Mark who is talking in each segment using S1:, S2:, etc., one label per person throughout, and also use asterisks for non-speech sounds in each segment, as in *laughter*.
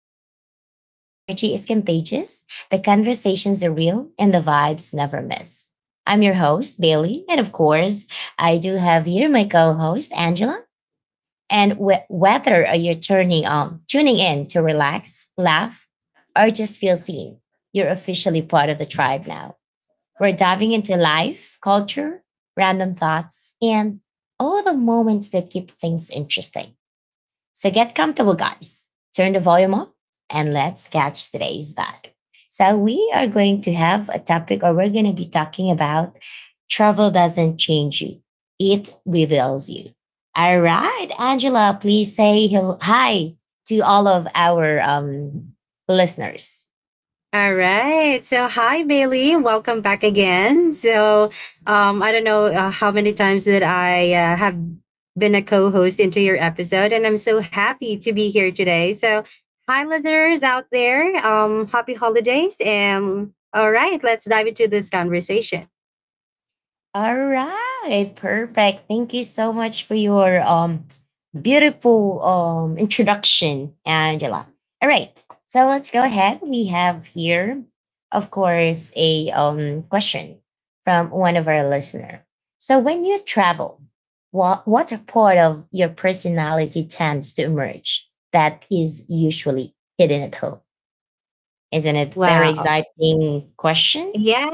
S1: podcast where the energy is contagious, the conversations are real, and the vibes never miss. I'm your host, Bailey. And of course, I do have here my co host, Angela. And whether you're turning on, tuning in to relax, laugh, or just feel seen, you're officially part of the tribe now. We're diving into life, culture, random thoughts, and all the moments that keep things interesting. So get comfortable, guys. Turn the volume up and let's catch today's vibe. So we are going to have a topic, or we're going to be talking about travel doesn't change you. It reveals you. All right, Angela, please say hi to all of our listeners.
S2: All right. So, hi, Bailey. Welcome back again. I don't know how many times that I have been a co host into your episode, and I'm so happy to be here today. So, hi, listeners out there. Happy holidays. And all right, let's dive into this conversation.
S1: All right, perfect. Thank you so much for your beautiful introduction, Angela. All right, so let's go ahead. We have here, of course, a question from one of our listener. So when you travel, what part of your personality tends to emerge that is usually hidden at home? Isn't it very
S2: Wow.
S1: exciting question?
S2: Yeah,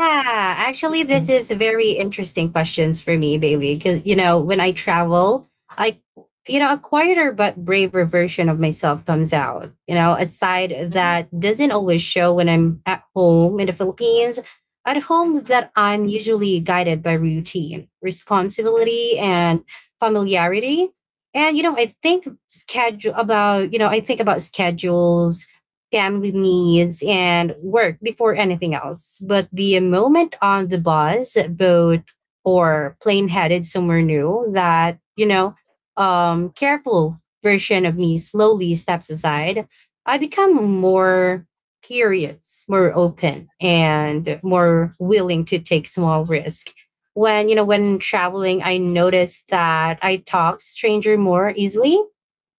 S2: actually, this is very interesting questions for me, Bailey. Because you know, when I travel, I, you know, a quieter but braver version of myself comes out. You know, a side that doesn't always show when I'm at home in the Philippines. At home,
S1: Mhm.
S2: that I'm usually guided by routine, responsibility, and familiarity. And you know, I think schedule about you know, I think about schedules, family needs and work before anything else. But the moment on the bus, boat, or plane headed somewhere new, that, careful version of me slowly steps aside, I become more curious, more open, and more willing to take small risk. When, you know, when traveling, I noticed that I talk stranger more easily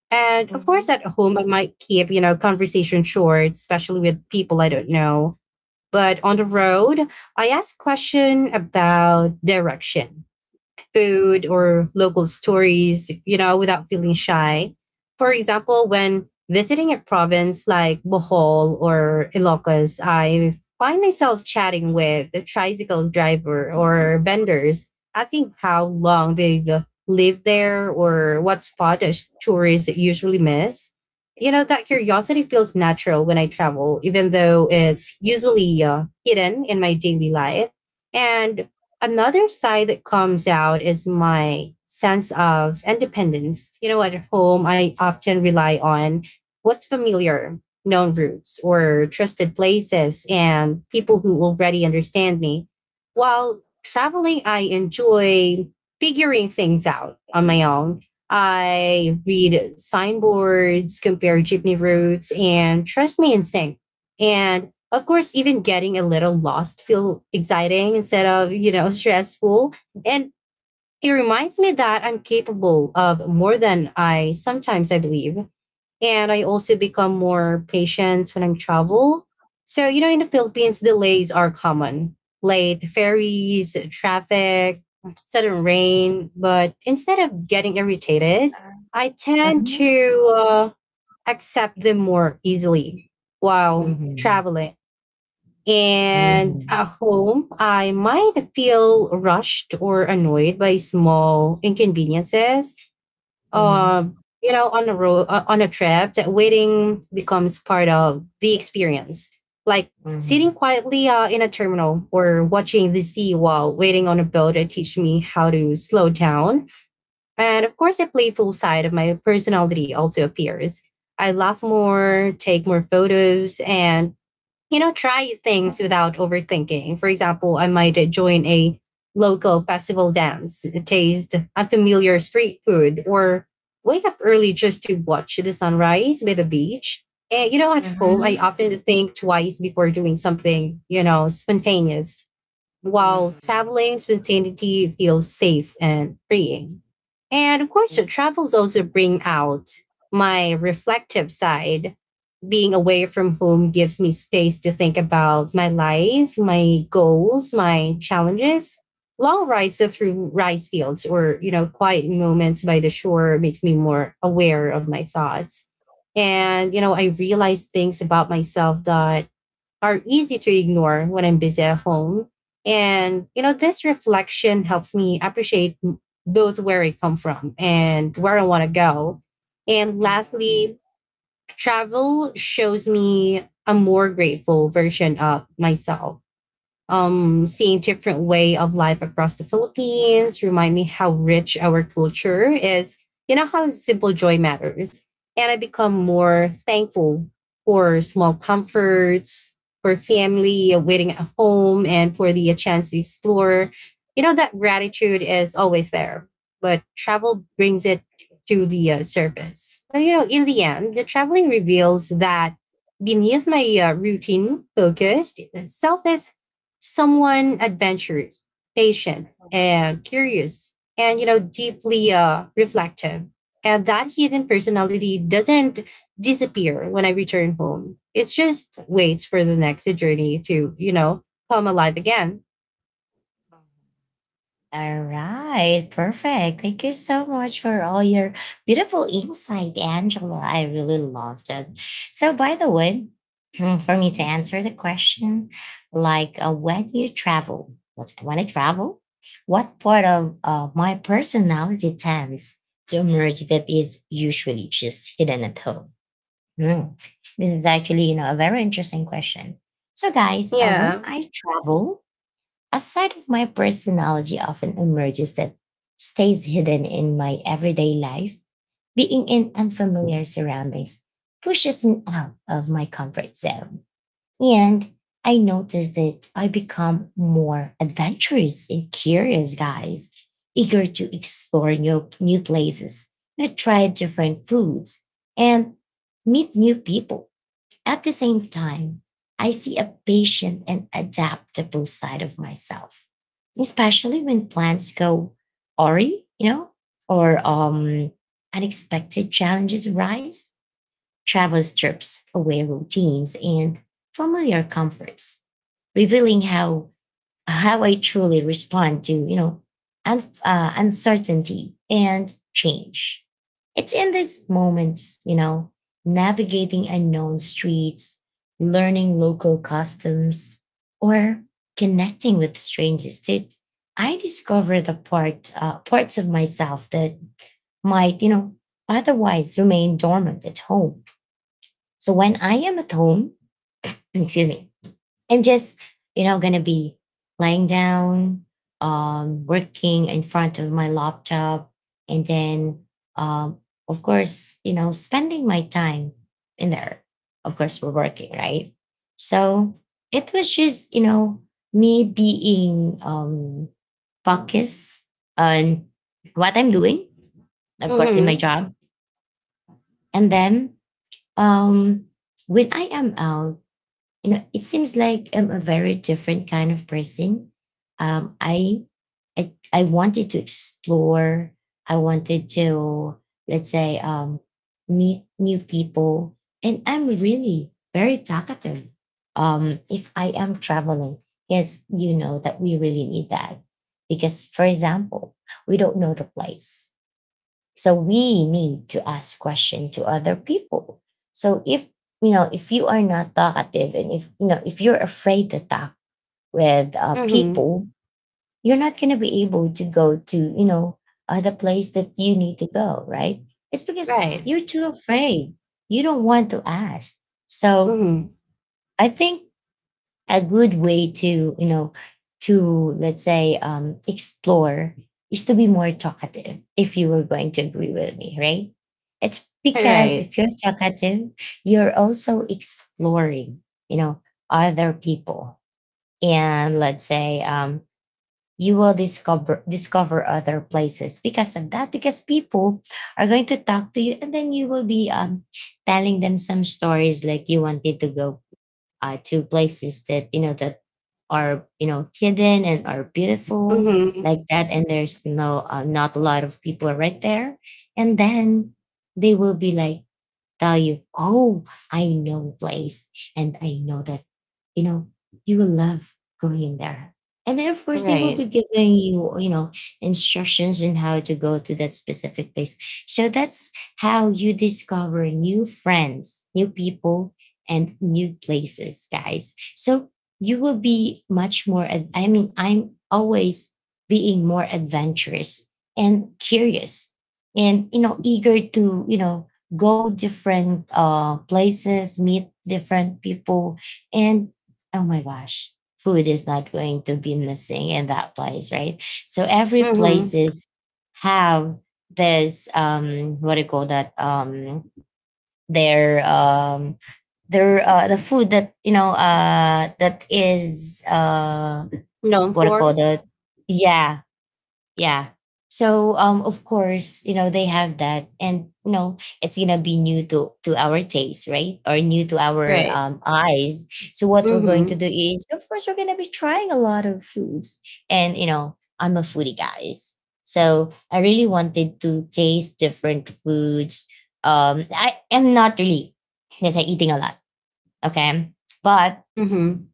S2: and of course,
S1: Mhm.
S2: at home, I might keep, you know, conversation short, especially with people I don't know. But on the road, I ask question about direction food or local stories, you know, without feeling shy. For example, when visiting a province like Bohol or Ilocos, I find myself chatting with the tricycle driver or vendors, asking how long they live there or what spot a tourists usually miss. You know, that curiosity feels natural when I travel, even though it's usually hidden in my daily life. And another side that comes out is my sense of independence. You know, at home, I often rely on what's familiar, known routes, or trusted places and people who already understand me. While traveling, I enjoy figuring things out on my own. I read signboards, compare jeepney routes, and trust my instinct. And of course, even getting a little lost feel exciting instead of, you know, stressful. And it reminds me that I'm capable of more than I sometimes I believe. And I also become more patient when I'm travel. So, you know, in the Philippines, delays are common. Late ferries, traffic, sudden rain. But instead of getting irritated, I tend
S1: Mhm.
S2: to accept them more easily while
S1: Mhm.
S2: traveling. And at
S1: Mhm.
S2: home, I might feel rushed or annoyed by small inconveniences.
S1: Mhm.
S2: Uh, you know, on a road, on a trip, that waiting becomes part of the experience. Like sitting
S1: Mhm.
S2: quietly in a terminal or watching the sea while waiting on a boat that teach me how to slow down. And of course, a playful side of my personality also appears. I laugh more, take more photos, and you know, try things without overthinking. For example, I might join a local festival dance, taste unfamiliar street food, or wake up early just to watch the sunrise by the beach. And you know, at home, I
S1: Mhm.
S2: often think twice before doing something, you know, spontaneous. While
S1: Mhm.
S2: traveling, spontaneity feels safe and freeing. And of course,
S1: Mhm.
S2: the travels also bring out my reflective side being away from home gives me space to think about my life, my goals, my challenges. Long rides through rice fields or, you know, quiet moments by the shore makes me more aware of my thoughts. And, you know, I realize things about myself that are easy to ignore when I'm busy at home. And, you know, this reflection helps me appreciate both where I come from and where I want to go. And lastly, travel shows me a more grateful version of myself seeing different way of life across the Philippines remind me how rich our culture is. You know how simple joy matters, and I become more thankful for small comforts, for family waiting at home, and for the chance to explore. You know that gratitude is always there, but travel brings it to the surface. But you know, in the end, the traveling reveals that beneath my routine focused selfish someone adventurous, patient, and curious, and you know, deeply reflective. And that hidden personality doesn't disappear when I return home. It's just waits for the next journey to, you know, come alive again.
S1: Mhm. All right, perfect. Thank you so much for all your beautiful insight, Angela. I really loved it. So, by the way, *clears throat* for me to answer the question, like when you travel, when I travel, what part of my personality tends to emerge that is usually just hidden at home? Hmm. This is actually, you know, a very interesting question. So, guys, when
S2: Yeah.
S1: I travel, a side of my personality often emerges that stays hidden in my everyday life. Being in unfamiliar surroundings pushes me out of my comfort zone. And I notice that I become more adventurous and curious, guys, eager to explore new places, you know, try different foods, and meet new people. At the same time, I see a patient and adaptable side of myself, especially when plans go awry, you know, or unexpected challenges rise. Travel strips away routines and familiar comforts, revealing how I truly respond to, you know, uncertainty and change. It's in these moments, you know, navigating unknown streets, learning local customs, or connecting with strangers, that I discover the parts of myself that might, you know, otherwise remain dormant at home. So when I am at home, excuse me, I'm just, you know, gonna be lying down, working in front of my laptop, and then, um, of course, you know, spending my time in there. Of course, we're working, right? So it was just, you know, me being focused on what I'm doing, of course, in my
S2: Mm-hmm.
S1: job. And then um, when I am out, you know, it seems like I'm a very different kind of person. um i I wanted to explore. I wanted to, let's say, meet new people. And I'm really very talkative, if I am traveling. Yes, you know that we really need that, because, for example, we don't know the place, so we need to ask question to other people. So if, you know, if you are not talkative, and if, you know, if you're afraid to talk with
S2: Mm-hmm.
S1: people, you're not going to be able to go to, you know, the place that you need to go. Right? It's because
S2: Right.
S1: you're too afraid. You don't want to ask. So
S2: Mm-hmm.
S1: I think a good way to, you know, to, let's say, explore is to be more talkative, if you were going to agree with me, right? It's because
S2: Right.
S1: if you're talkative, you're also exploring, you know, other people. And let's say, you will discover other places because of that, because people are going to talk to you, and then you will be, telling them some stories, like you wanted to go to places that, you know, that are, you know, hidden and are beautiful
S2: Mm-hmm.
S1: like that, and there's no not a lot of people right there. And then they will be like, tell you, "Oh, I know place, and I know that, you know, you will love going in there." And then, of course, they will
S2: Right.
S1: be giving you, you know, instructions on how to go to that specific place. So that's how you discover new friends, new people, and new places, guys. So you will be much more, I mean, I'm always being more adventurous and curious and, you know, eager to, you know, go different places, meet different people, and oh my gosh, food is not going to be missing in that place, right? So every
S2: Mm-hmm.
S1: places have this, what do you call that, their, their, the food that, you know, that is,
S2: Known
S1: what do you call
S2: for.
S1: that? Yeah. Yeah. So of course, you know, they have that, and you know, it's gonna be new to our taste, right? Or new to our
S2: Right.
S1: eyes. So what we're going to
S2: Mm-hmm.
S1: do is of course, we're gonna be trying a lot of foods. And you know, I'm a foodie, guys. So I really wanted to taste different foods. I am not really, let's say, eating a lot. Okay. But
S2: Mm-hmm.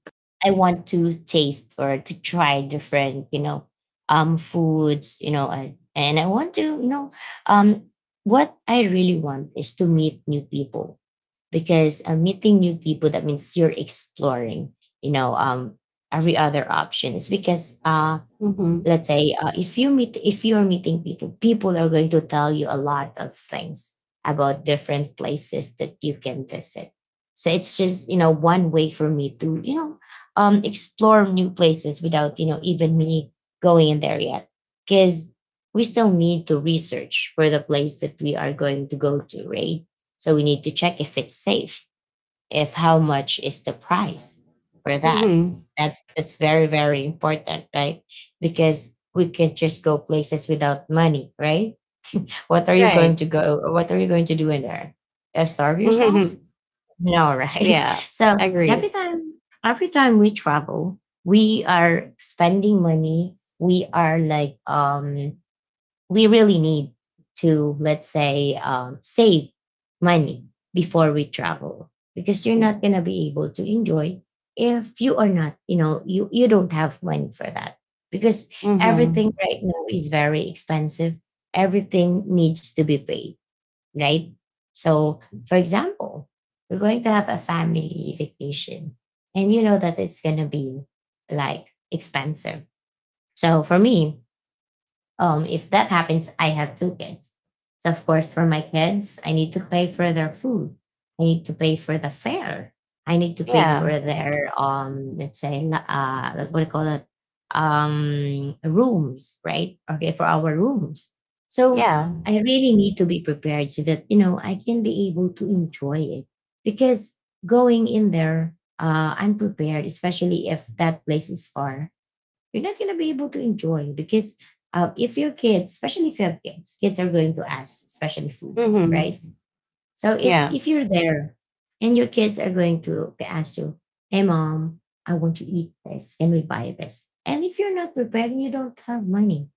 S1: I want to taste or to try different, you know, foods, you know, and I want to, you know, um, what I really want is to meet new people, because meeting new people, that means you're exploring, you know, every other options. Because
S2: Mm-hmm.
S1: let's say, if you meet, if you're meeting people are going to tell you a lot of things about different places that you can visit. So it's just, you know, one way for me to, you know, explore new places without, you know, even me going in there yet, because we still need to research for the place that we are going to go to, right? So we need to check if it's safe, if how much is the price for that.
S2: Mm-hmm.
S1: That's very, very important, right? Because we can just go places without money, right? What are you going
S2: Right.
S1: to
S2: *laughs*
S1: go, what are you going to do in there, starve
S2: Mm-hmm.
S1: yourself? No, right?
S2: Yeah.
S1: *laughs* So every
S2: Agree.
S1: time, we travel, we are spending money, we are like, we really need to, let's say, save money before we travel, because you're not going to be able to enjoy if you are not, you know, you, don't have money for that. Because everything
S2: Mm-hmm.
S1: right now is very expensive. Everything needs to be paid, right? So, for example, we're going to have a family vacation, and you know that it's going to be like expensive. So for me, if that happens, I have two kids. So, of course, for my kids, I need to pay for their food. I need to pay for the fare. I need to pay for
S2: Yeah.
S1: their, let's say, what do you call it? Rooms, right? Okay, for our rooms. So,
S2: Yeah.
S1: I really need to be prepared so that, you know, I can be able to enjoy it, because going in there unprepared, especially if that place is far, you're not going to be able to enjoy. Because if your kids, especially if you have kids, kids are going to ask, especially food, right?
S2: Mm-hmm.
S1: So if,
S2: Yeah.
S1: you're there and your kids are going to ask you, "Hey, mom, I want to eat this. Can we buy this?" And if you're not prepared and you don't have money,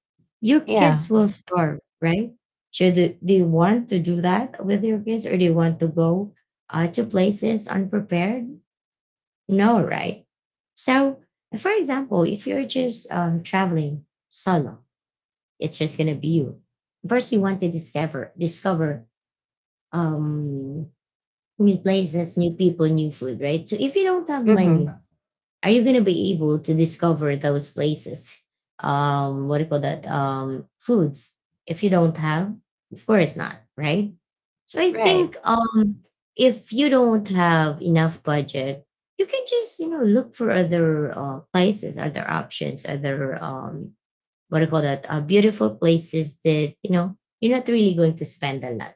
S1: your
S2: Yeah.
S1: kids will starve, right? So do you want to do that with your kids, or do you want to go to places unprepared? No, right? So, for example, if you're just traveling solo, it's just gonna be you. First, you want to discover
S2: Mm-hmm.
S1: discover um, new places, new people, new food, right? So, if you don't have money,
S2: Mm-hmm.
S1: are you going to be able to discover those places, what do you call that, foods, if you don't have? Of course not, right? So I
S2: Right.
S1: think if you don't have enough budget, you can just, you know, look for other places, other options, other, what do you call that, beautiful places that, you know, you're not really going to spend a lot,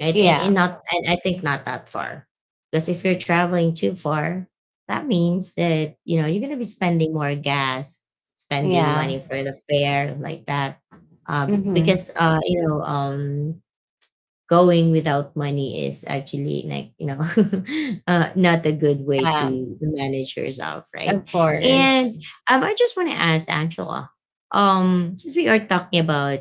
S1: right? And
S2: Yeah.
S1: not, and I think not that far, because if you're traveling too far, that means that, you know, you're gonna be spending more gas, spending money
S2: Yeah.
S1: for the fare like that. uh, be-
S2: Mm-hmm.
S1: because uh, you know, going without money is actually like, you know, *laughs* not a good way
S2: Yeah.
S1: to manage yourself, right?
S2: Of course.
S1: And I just want to ask Angela, since we are talking about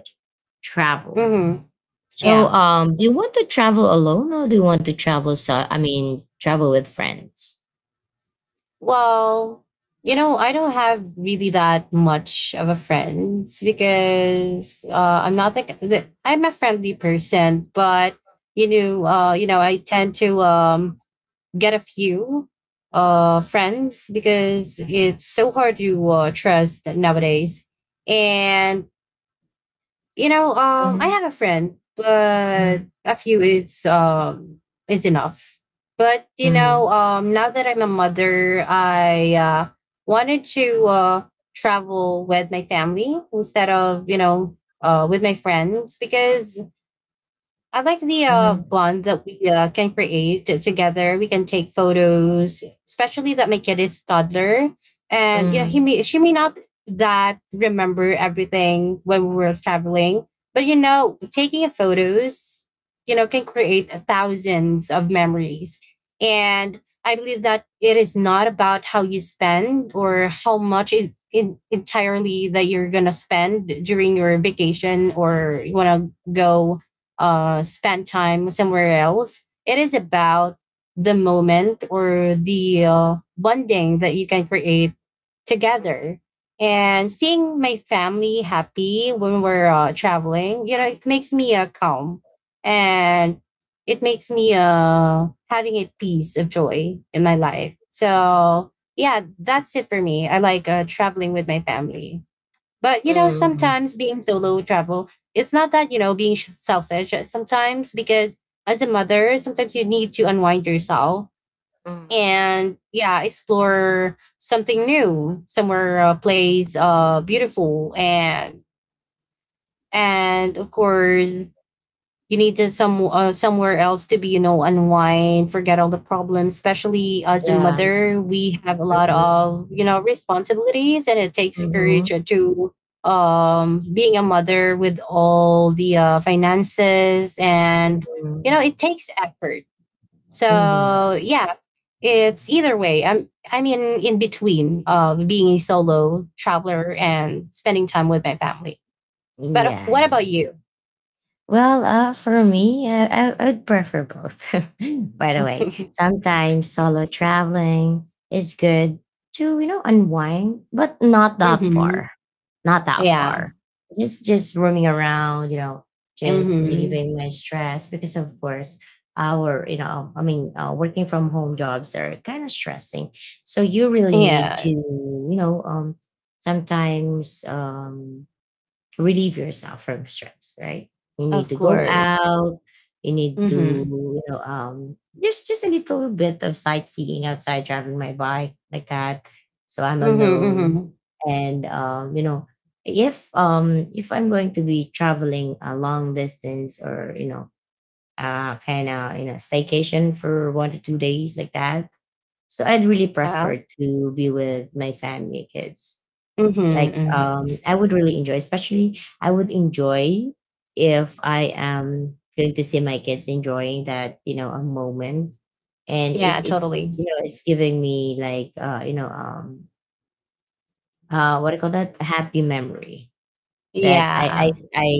S1: travel,
S2: Mm-hmm.
S1: so,
S2: Yeah.
S1: do you want to travel alone or do you want to travel? So, I mean, travel with friends.
S2: Well, you know, I don't have really that much of a friends because I'm not like the I'm a friendly person, but you know, I tend to get a few friends because it's so hard to trust nowadays. And you know, I
S1: Mhm,
S2: have a friend, but
S1: mhm,
S2: a few is enough. But you know,
S1: mhm,
S2: now that I'm a mother, I wanted to travel with my family instead of you know with my friends because I like the
S1: mhm,
S2: bond that we can create together. We can take photos, especially that my kid is toddler, and you know he
S1: mhm,
S2: may she may not that remember everything when we were traveling, but you know taking photos, you know can create thousands of memories. And I believe that it is not about how you spend or how much it, in, entirely that you're gonna spend during your vacation or you wanna go spend time somewhere else. It is about the moment or the bonding that you can create together. And seeing my family happy when we're traveling, you know, it makes me calm and it makes me having a piece of joy in my life. So, yeah, that's it for me. I like traveling with my family. But you know,
S1: mhm,
S2: sometimes being solo travel, it's not that you know being selfish. Sometimes because as a mother, sometimes you need to unwind yourself
S1: mhm.
S2: and yeah, explore something new, somewhere a place beautiful and of course you need to some somewhere else to be you know unwind forget all the problems especially as a
S1: Yeah.
S2: mother we have a lot
S1: mhm,
S2: of you know responsibilities and it takes
S1: mhm,
S2: courage to being a mother with all the finances and you
S1: mhm,
S2: know it takes effort
S1: mhm.
S2: so yeah it's either way I'm in between being a solo traveler and spending time with my family but
S1: Yeah.
S2: what about you
S1: Well, for me, I would prefer both. *laughs* By the way,
S2: *laughs*
S1: sometimes solo traveling is good to you know unwind, but not that
S2: hmm
S1: far, not that
S2: yeah
S1: far. Just roaming around, you know, just
S2: Mm-hmm.
S1: relieving my stress because of course our you know I mean working from home jobs are kind of stressing. So you really need to
S2: Yeah,
S1: you know sometimes relieve yourself from stress, right? You need
S2: of
S1: to go
S2: course.
S1: out. You need to,
S2: Mm-hmm.
S1: you know, just a little bit of sightseeing outside, driving my bike like that. So I'm
S2: Mm-hmm.
S1: alone,
S2: Mm-hmm.
S1: and you know, if I'm going to be traveling a long distance or you know, kind of you know, staycation for 1 to 2 days like that. So I'd really
S2: Yeah.
S1: prefer to be with my family, kids
S2: Mm-hmm.
S1: like
S2: Mm-hmm.
S1: I would really enjoy especially I would enjoy if I am going to see my kids enjoying that you know a moment and
S2: Yeah,
S1: it's
S2: totally.
S1: you know it's giving me like you know what do you call that a happy memory that I I
S2: Yeah.
S1: I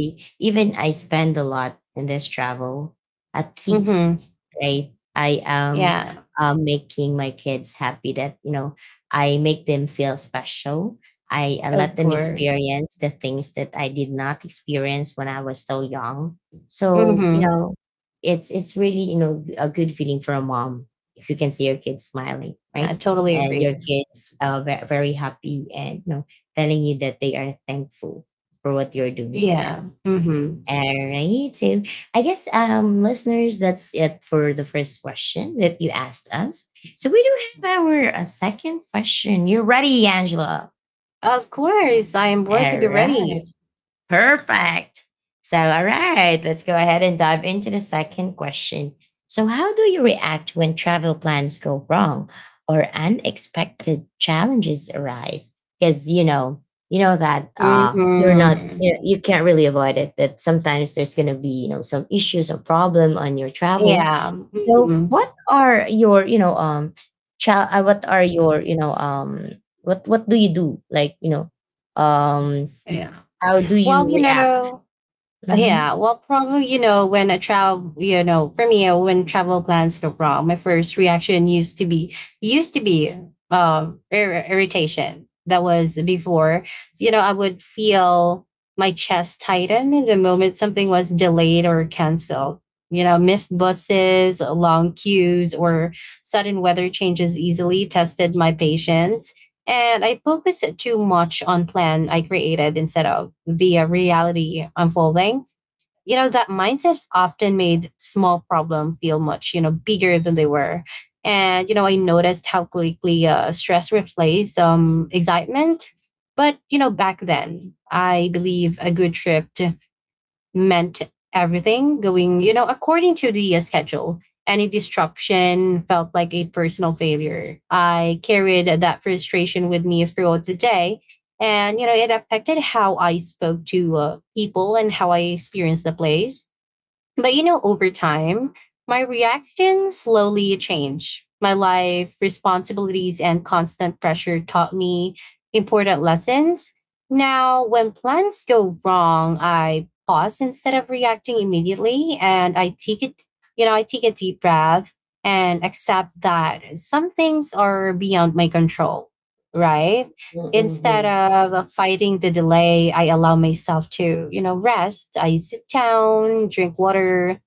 S1: even I spend a lot in this travel. At least,
S2: Mm-hmm.
S1: right? I am
S2: Yeah,
S1: making my kids happy that you know I make them feel special. I let
S2: of
S1: them
S2: course.
S1: experience the things that I did not experience when I was so young. So you
S2: Mm-hmm.
S1: know, it's really you know a good feeling for a mom if you can see your kids smiling,
S2: I
S1: right?
S2: totally
S1: And
S2: agree.
S1: your kids are very, very happy and you know telling you that they are thankful for what you're doing to
S2: Yeah.
S1: them.
S2: Mm-hmm.
S1: All right. So I guess listeners, that's it for the first question that you asked us. So we do have our second question. You're ready, Angela.
S2: Of course, I am born to
S1: All
S2: be
S1: right.
S2: ready.
S1: Perfect. So, all right, let's go ahead and dive into the second question. So, how do you react when travel plans go wrong or unexpected challenges arise? Because you know that you're not,
S2: Mm-hmm.
S1: you know, you can't really avoid it. That sometimes there's going to be, you know, some issues or problem on your travel.
S2: Yeah.
S1: So,
S2: Mm-hmm.
S1: what are your, you know, what are your, you know, what do you do? Like, you know,
S2: Yeah.
S1: how do you
S2: Well, you
S1: react?
S2: know, yeah,
S1: Mhm.
S2: well, probably, you know, when a child, you know, for me, when travel plans go wrong, my first reaction used to be irritation. That was before, you know, I would feel my chest tighten the moment something was delayed or canceled. You know, missed buses, long queues, or sudden weather changes easily tested my patience. And I focused too much on plan I created instead of the reality unfolding. You know that mindset often made small problem feel much you know bigger than they were. And you know I noticed how quickly stress replaced excitement. But you know back then I believe a good trip meant everything going you know according to the schedule. Any disruption felt like a personal failure. I carried that frustration with me throughout the day, and you know it affected how I spoke to people and how I experienced the place. But you know, over time, my reaction slowly changed. My life, responsibilities, and constant pressure taught me important lessons. Now, when plans go wrong, I pause instead of reacting immediately and I take it, you know, I take a deep breath and accept that some things are beyond my control, right?
S1: Mm,
S2: Instead
S1: mhm,
S2: of fighting the delay, I allow myself to, you know, rest. I sit down, drink water,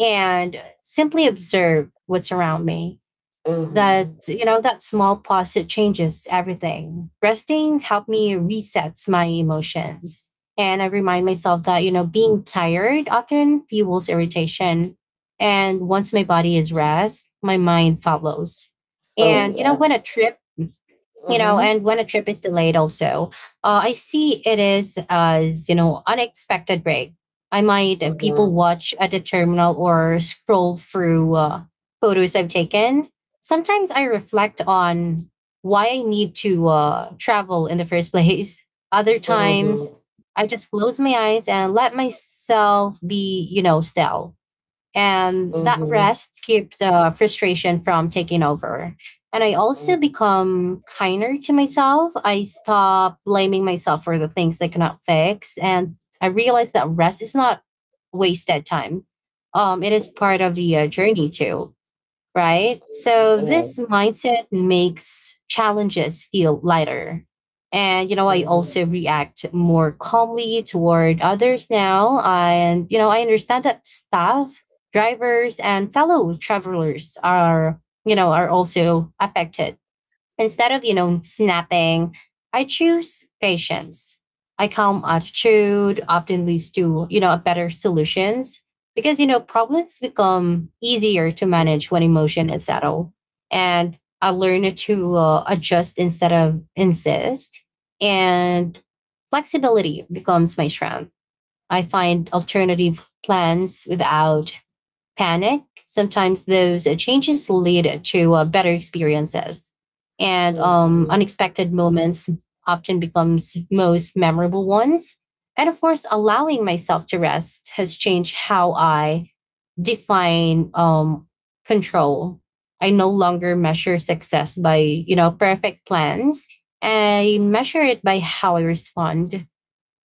S2: and simply observe what's around me. That,
S1: mhm.
S2: you know, that small pause, it changes everything. Resting helped me resets my emotions. And I remind myself that, you know, being tired often fuels irritation. And once my body is rest, my mind follows.
S1: Oh,
S2: And, you know, when
S1: yeah.
S2: a trip you know
S1: Mhm,
S2: and when a trip is delayed also, I see it is as, you know, unexpected break. I might, people
S1: mhm,
S2: watch at the terminal or scroll through photos I've taken. Sometimes I reflect on why I need to travel in the first *laughs* place. Other times
S1: mhm,
S2: I just close my eyes and let myself be, you know, still. And
S1: mhm,
S2: that
S1: mhm,
S2: rest keeps frustration from taking over. And I also
S1: mhm,
S2: become kinder to myself. I stop blaming myself for the things I cannot fix. And I realize that rest is not wasted time. It is part of the journey too, right? So this
S1: yes.
S2: mindset makes challenges feel lighter. And, you know, I
S1: Mhm,
S2: also react more calmly toward others now. And, you know, I understand that staff, drivers, and fellow travelers are, you know, are also affected. Instead of, you know, snapping, I choose patience. I calm attitude often leads to, you know, better solutions, because, you know, problems become easier to manage
S1: mhm,
S2: when emotion is settled. And I learned to adjust instead of insist. And flexibility becomes my strength. I find alternative plans without panic. Sometimes those changes lead to better experiences. And
S1: mhm,
S2: unexpected moments often becomes most memorable ones. And of course, allowing myself to rest has changed how I define control. I no longer measure success by, you know, perfect plans. I measure it by how I respond,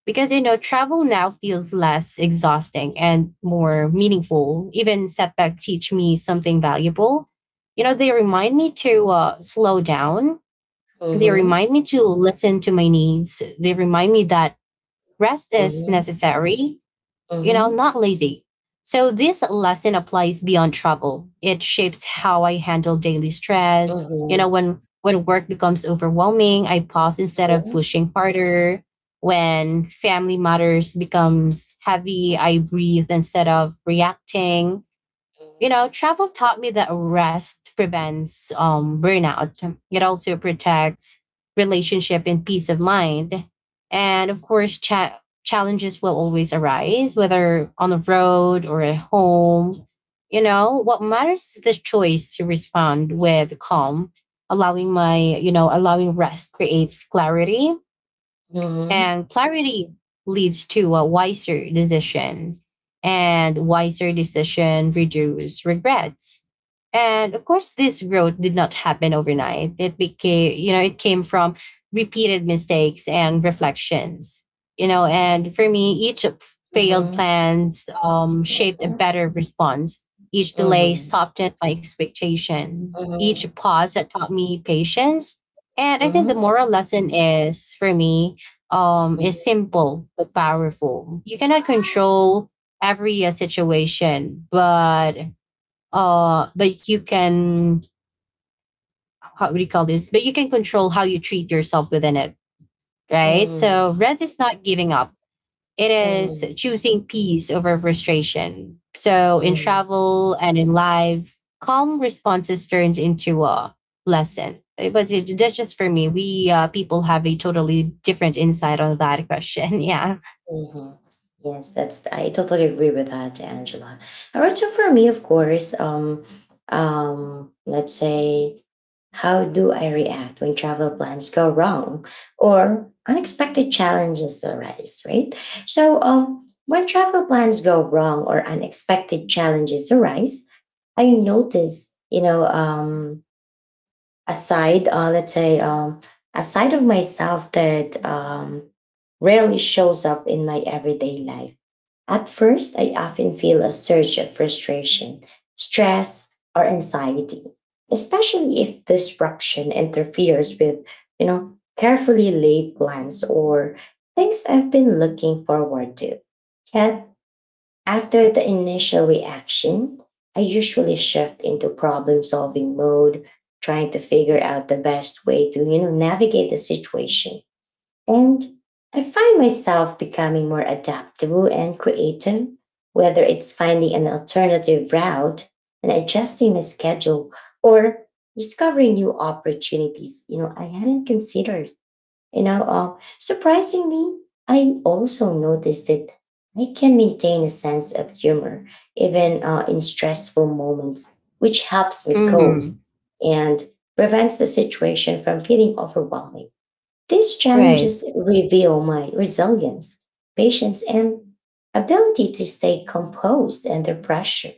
S2: because you know travel now feels less exhausting and more meaningful. Even setbacks teach me something valuable. You know, they remind me to slow down, they
S1: mhm,
S2: remind me to listen to my needs, they remind me that rest is
S1: mhm,
S2: necessary,
S1: mhm,
S2: you know,
S1: mhm,
S2: not lazy. So this lesson applies beyond travel. It shapes how I handle daily
S1: mhm,
S2: stress.
S1: mhm, mhm, mhm, mhm,
S2: You know,
S1: mhm,
S2: when work becomes overwhelming, I pause instead of pushing harder. When family matters becomes heavy, I breathe instead of reacting. You know, travel taught me that rest prevents burnout. It also protects relationship and peace of mind. And of course, challenges will always arise, whether on the road or at home. You know, what matters is the choice to respond with calm. Allowing my, you know, allowing rest creates clarity, and clarity leads to a wiser decision, and wiser decision reduce regrets. And of course, this growth did not happen overnight. It became, you know, it came from repeated mistakes and reflections. You know, and for me, each failed plans shaped a better response. Each delay softened my expectation. Each pause had taught me patience. And I think the moral lesson is for me is simple but powerful. You cannot control every situation, but you can how do you call this? But you can control how you treat yourself within it,
S1: mhm,
S2: right? So
S1: mhm,
S2: rest is not giving up. It
S1: mhm,
S2: is
S1: mhm,
S2: choosing peace over frustration. So in
S1: mhm.
S2: travel and in life, calm responses turns into a lesson. But that's just for me. We people have a totally different insight on that question. *laughs* Yeah.
S1: hmm Yes, that's I totally agree with that, Angela. All right, so for me, of course, let's say, how do I react when travel plans go wrong or unexpected challenges arise, right? So, when travel plans go wrong or unexpected challenges arise, I notice, you know, aside let's say a side of myself that rarely shows up in my everyday life at first I often feel a surge of frustration stress or anxiety especially if disruption interferes with you know carefully laid plans or things I've been looking forward to yet after the initial reaction, I usually shift into problem solving mode, trying to figure out the best way to you know navigate the situation. And I find myself becoming more adaptable and creative, whether it's finding an alternative route and adjusting my schedule or discovering new opportunities, you know, I hadn't considered. You know, surprisingly, I also noticed that I can maintain a sense of humor even in stressful moments, which helps me cope
S2: Mhm.
S1: and prevents the situation from feeling overwhelming. These
S2: Right.
S1: challenges reveal my resilience, patience, and ability to stay composed under pressure.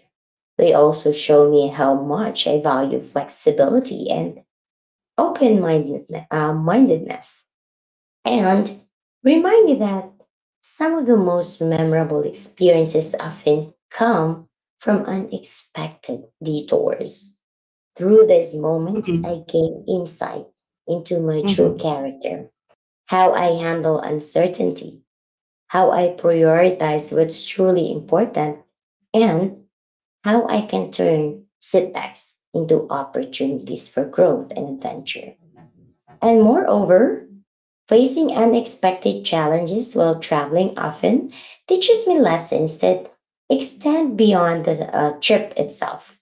S1: They also show me how much I value flexibility and open mindedness and remind me that some of the most memorable experiences often come from unexpected detours. Through these moments, I
S2: Mm-hmm.
S1: gain insight into my true
S2: Mm-hmm.
S1: character, how I handle uncertainty, how I prioritize what's truly important, and how I can turn setbacks into opportunities for growth and adventure. And moreover, facing unexpected challenges while traveling often teaches me lessons that extend beyond the trip itself.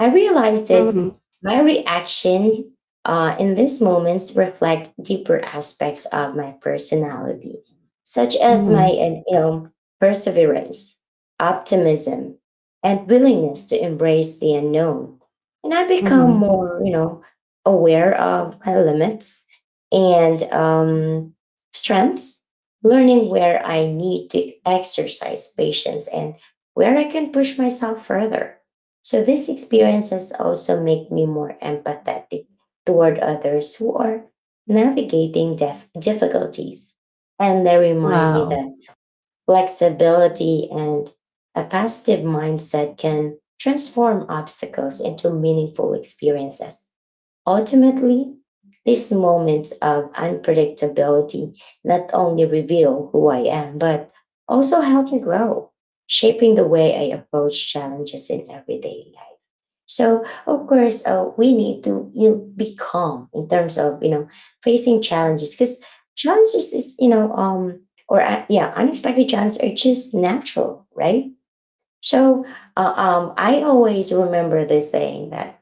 S1: I realized that
S2: Mm-hmm.
S1: my reaction in these moments reflect deeper aspects of my personality, such as my
S2: Mm-hmm.
S1: you know perseverance, optimism, and willingness to embrace the unknown. And I become
S2: Mm-hmm.
S1: more you know aware of my limits and strengths, learning where I need to exercise patience and where I can push myself further. So these experiences also make me more empathetic toward others who are navigating difficulties. And they remind me
S2: Wow.
S1: that flexibility and a positive mindset can transform obstacles into meaningful experiences. Ultimately, these moments of unpredictability not only reveal who I am, but also help me grow, shaping the way I approach challenges in everyday life. So of course, we need to you know, be calm in terms of you know facing challenges because challenges is you know or yeah unexpected challenges are just natural, right? So I always remember this saying that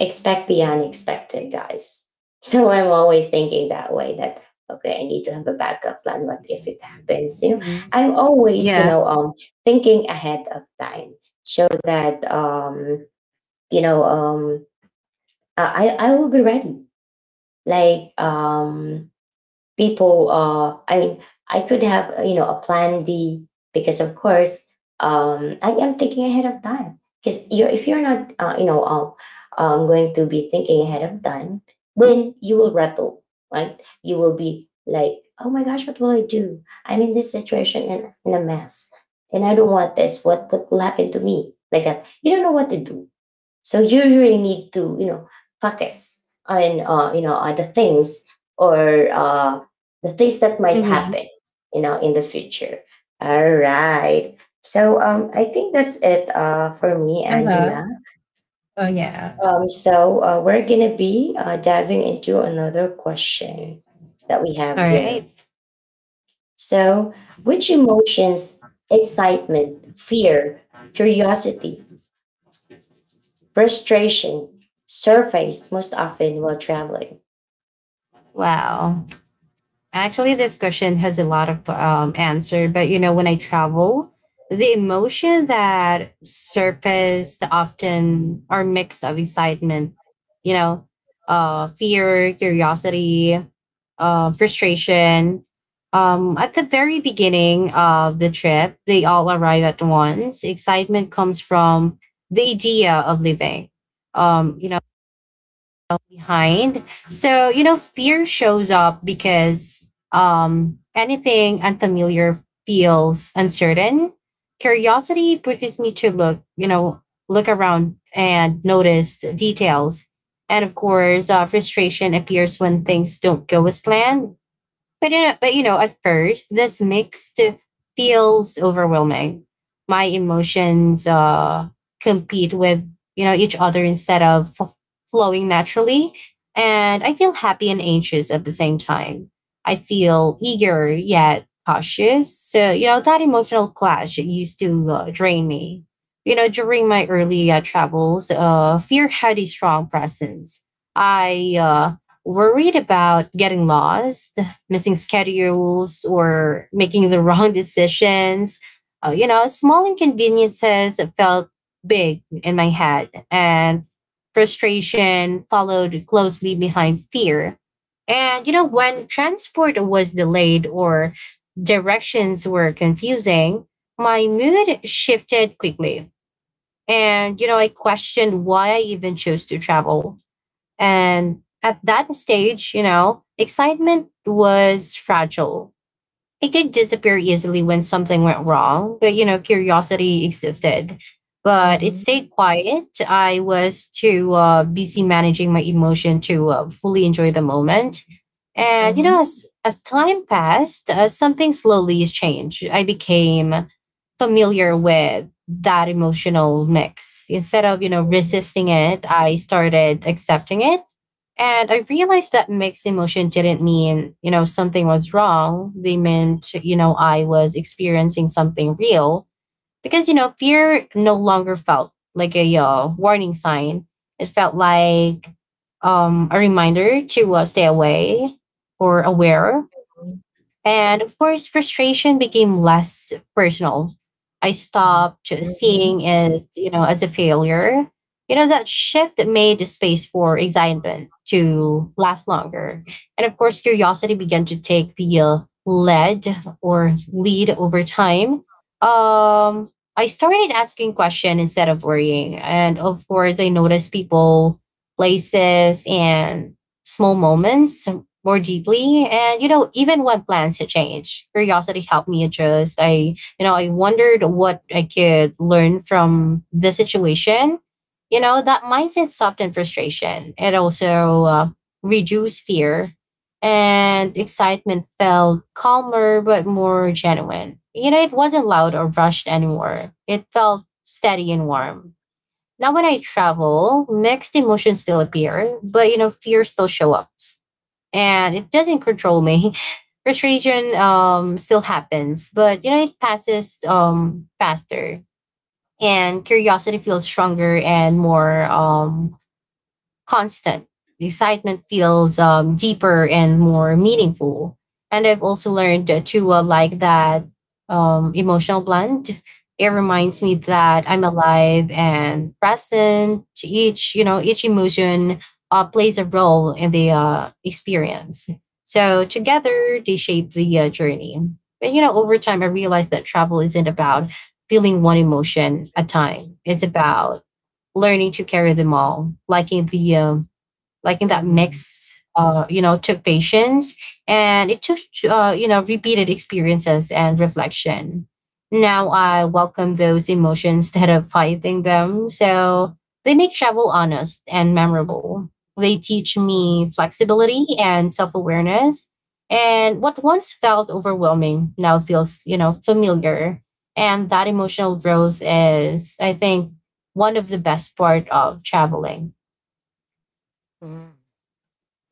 S1: expect the unexpected, guys. *laughs* So I'm always thinking that way that okay, I need to have a backup plan. What if it happens? You know,
S2: Mm-hmm.
S1: I'm always you
S2: Yeah.
S1: know thinking ahead of time so that you know I will be ready. Like people, I mean, I could have you know a plan B because of course I am thinking ahead of time. Because you if you're not you know going to be thinking ahead of time, then you will rattle, right? You will be like, oh my gosh, what will I do? I'm in this situation and in a mess, and I don't want this. What will happen to me? Like that, you don't know what to do so you really need to, you know, practice on, you know other things or the things that might
S2: Mm-hmm.
S1: happen, you know, in the future. All right. So I think that's it for me,
S2: Uh-huh.
S1: Angela.
S2: Oh yeah.
S1: So we're gonna be diving into another question that we have
S2: All
S1: here.
S2: right.
S1: So, which emotions, excitement, fear, curiosity, frustration surface most often while traveling?
S2: Wow. Actually, this question has a lot of answer, but you know, when I travel, the emotion that surfaced often are mixed of excitement, you know, fear, curiosity, frustration. At the very beginning of the trip, they all arrive at once. Excitement comes from the idea of living. You know, behind. So, you know, fear shows up because anything unfamiliar feels uncertain. Curiosity pushes me to look, you know, look around and notice details. And of course, frustration appears when things don't go as planned, but you know, at first, this mixed feels overwhelming. My emotions compete with, you know, each other instead of flowing naturally, and I feel happy and anxious at the same time. I feel eager yet cautious. So you know that emotional clash, it used to drain me. You know, during my early travels, fear had a strong presence. I worried about getting lost, missing schedules, or making the wrong decisions. You know, small inconveniences felt big in my head, and frustration followed closely behind fear. And, you know, when transport was delayed or directions were confusing, my mood shifted quickly. And, you know, I questioned why I even chose to travel. And at that stage, you know, excitement was fragile. It could disappear easily when something went wrong, but you know, curiosity existed. But it
S1: Mhm, mhm,
S2: stayed quiet. I was too busy managing my emotion to fully enjoy the moment. And you know,
S1: mhm,
S2: as time passed, something slowly changed. I became familiar with that emotional mix. Instead of, you know, resisting it, I started accepting it, and I realized that mixed emotion didn't mean, you know, something was wrong. They meant, you know, I was experiencing something real, because, you know, fear no longer felt like a warning sign. It felt like a reminder to stay away or aware,
S1: mhm,
S2: and of course, frustration became less personal. I stopped
S1: mhm,
S2: seeing it, you know, as a failure. You know, that shift made the space for excitement to last longer. And of course, curiosity began to take the lead or lead over time. Um, I started asking questions instead of worrying. And of course, I noticed people, places, and small moments more deeply. And you know, even when plans had changed, curiosity helped me adjust. I I wondered what I could learn from the situation. You know, that mindset softened frustration, it also reduced fear. And excitement felt calmer but more genuine. You know, it wasn't loud or rushed anymore, it felt steady and warm. Now when I travel, mixed emotions still appear, but you know fear still show up, and it doesn't control me. *laughs* Frustration still happens, but you know it passes faster, and curiosity feels stronger and more constant. The excitement feels deeper and more meaningful. And I've also learned to like that emotional blend. It reminds me that I'm alive and present. Each, you know, each emotion plays a role in the experience. So together they shape the journey. And you know, over time, I realized that travel isn't about feeling one emotion at a time. It's about learning to carry them all, like in the like in that
S1: mhm,
S2: mix, you know, took patience, and it took you know, repeated experiences and reflection. Now I welcome those emotions instead of fighting them, so they make travel honest and memorable. They teach me
S1: mhm,
S2: flexibility and self-awareness. And what once felt overwhelming now feels, you know, familiar. And that emotional growth is, I think, one of the best part of traveling.
S1: mhm.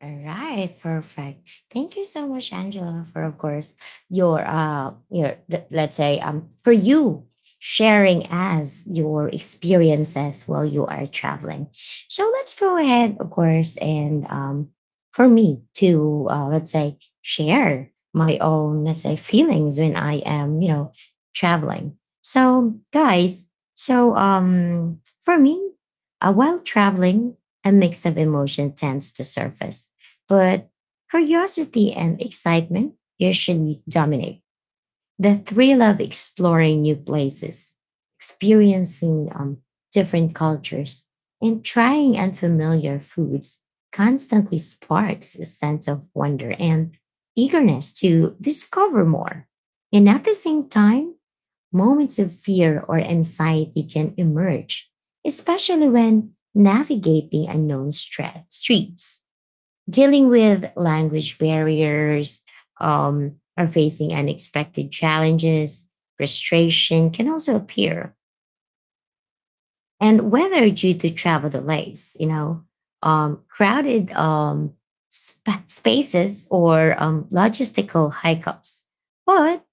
S1: All right, perfect. Thank you so much, Angela, for of course your let's say for you sharing as your experiences while you are traveling. So let's go ahead, of course, and for me to let's say share my own let's say feelings when I am you know traveling. So guys, so for me, while traveling, a mix of emotion tends to surface but curiosity and excitement usually dominate the thrill of exploring new places, experiencing different cultures, and trying unfamiliar foods constantly sparks a sense of wonder and eagerness to discover more. And at the same time, moments of fear or anxiety can emerge, especially when navigating unknown streets dealing with language barriers or facing unexpected challenges, frustration can also appear. And whether due to travel delays, you know, crowded spaces or logistical hiccups. But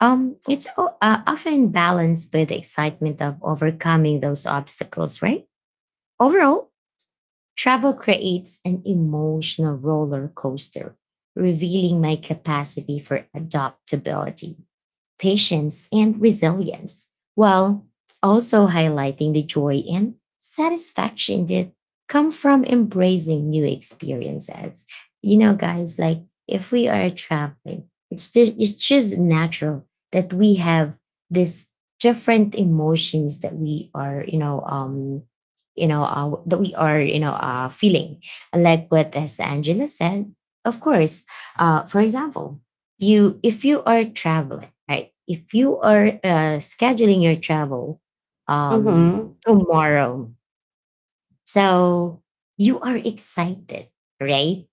S1: it's often balanced with the excitement of overcoming those obstacles, right? Overall, travel creates an emotional roller coaster, revealing my capacity for adaptability patience, and resilience, while also highlighting the joy and satisfaction that come from embracing new experiences. You know, guys, like if we are traveling, it's just natural that we have this different emotions that we are, you know, that we are, you know, feeling. Like what as Angela said, of course, for example, you if you are traveling right if you are scheduling your travel um
S2: Hmm.
S1: tomorrow so you are excited right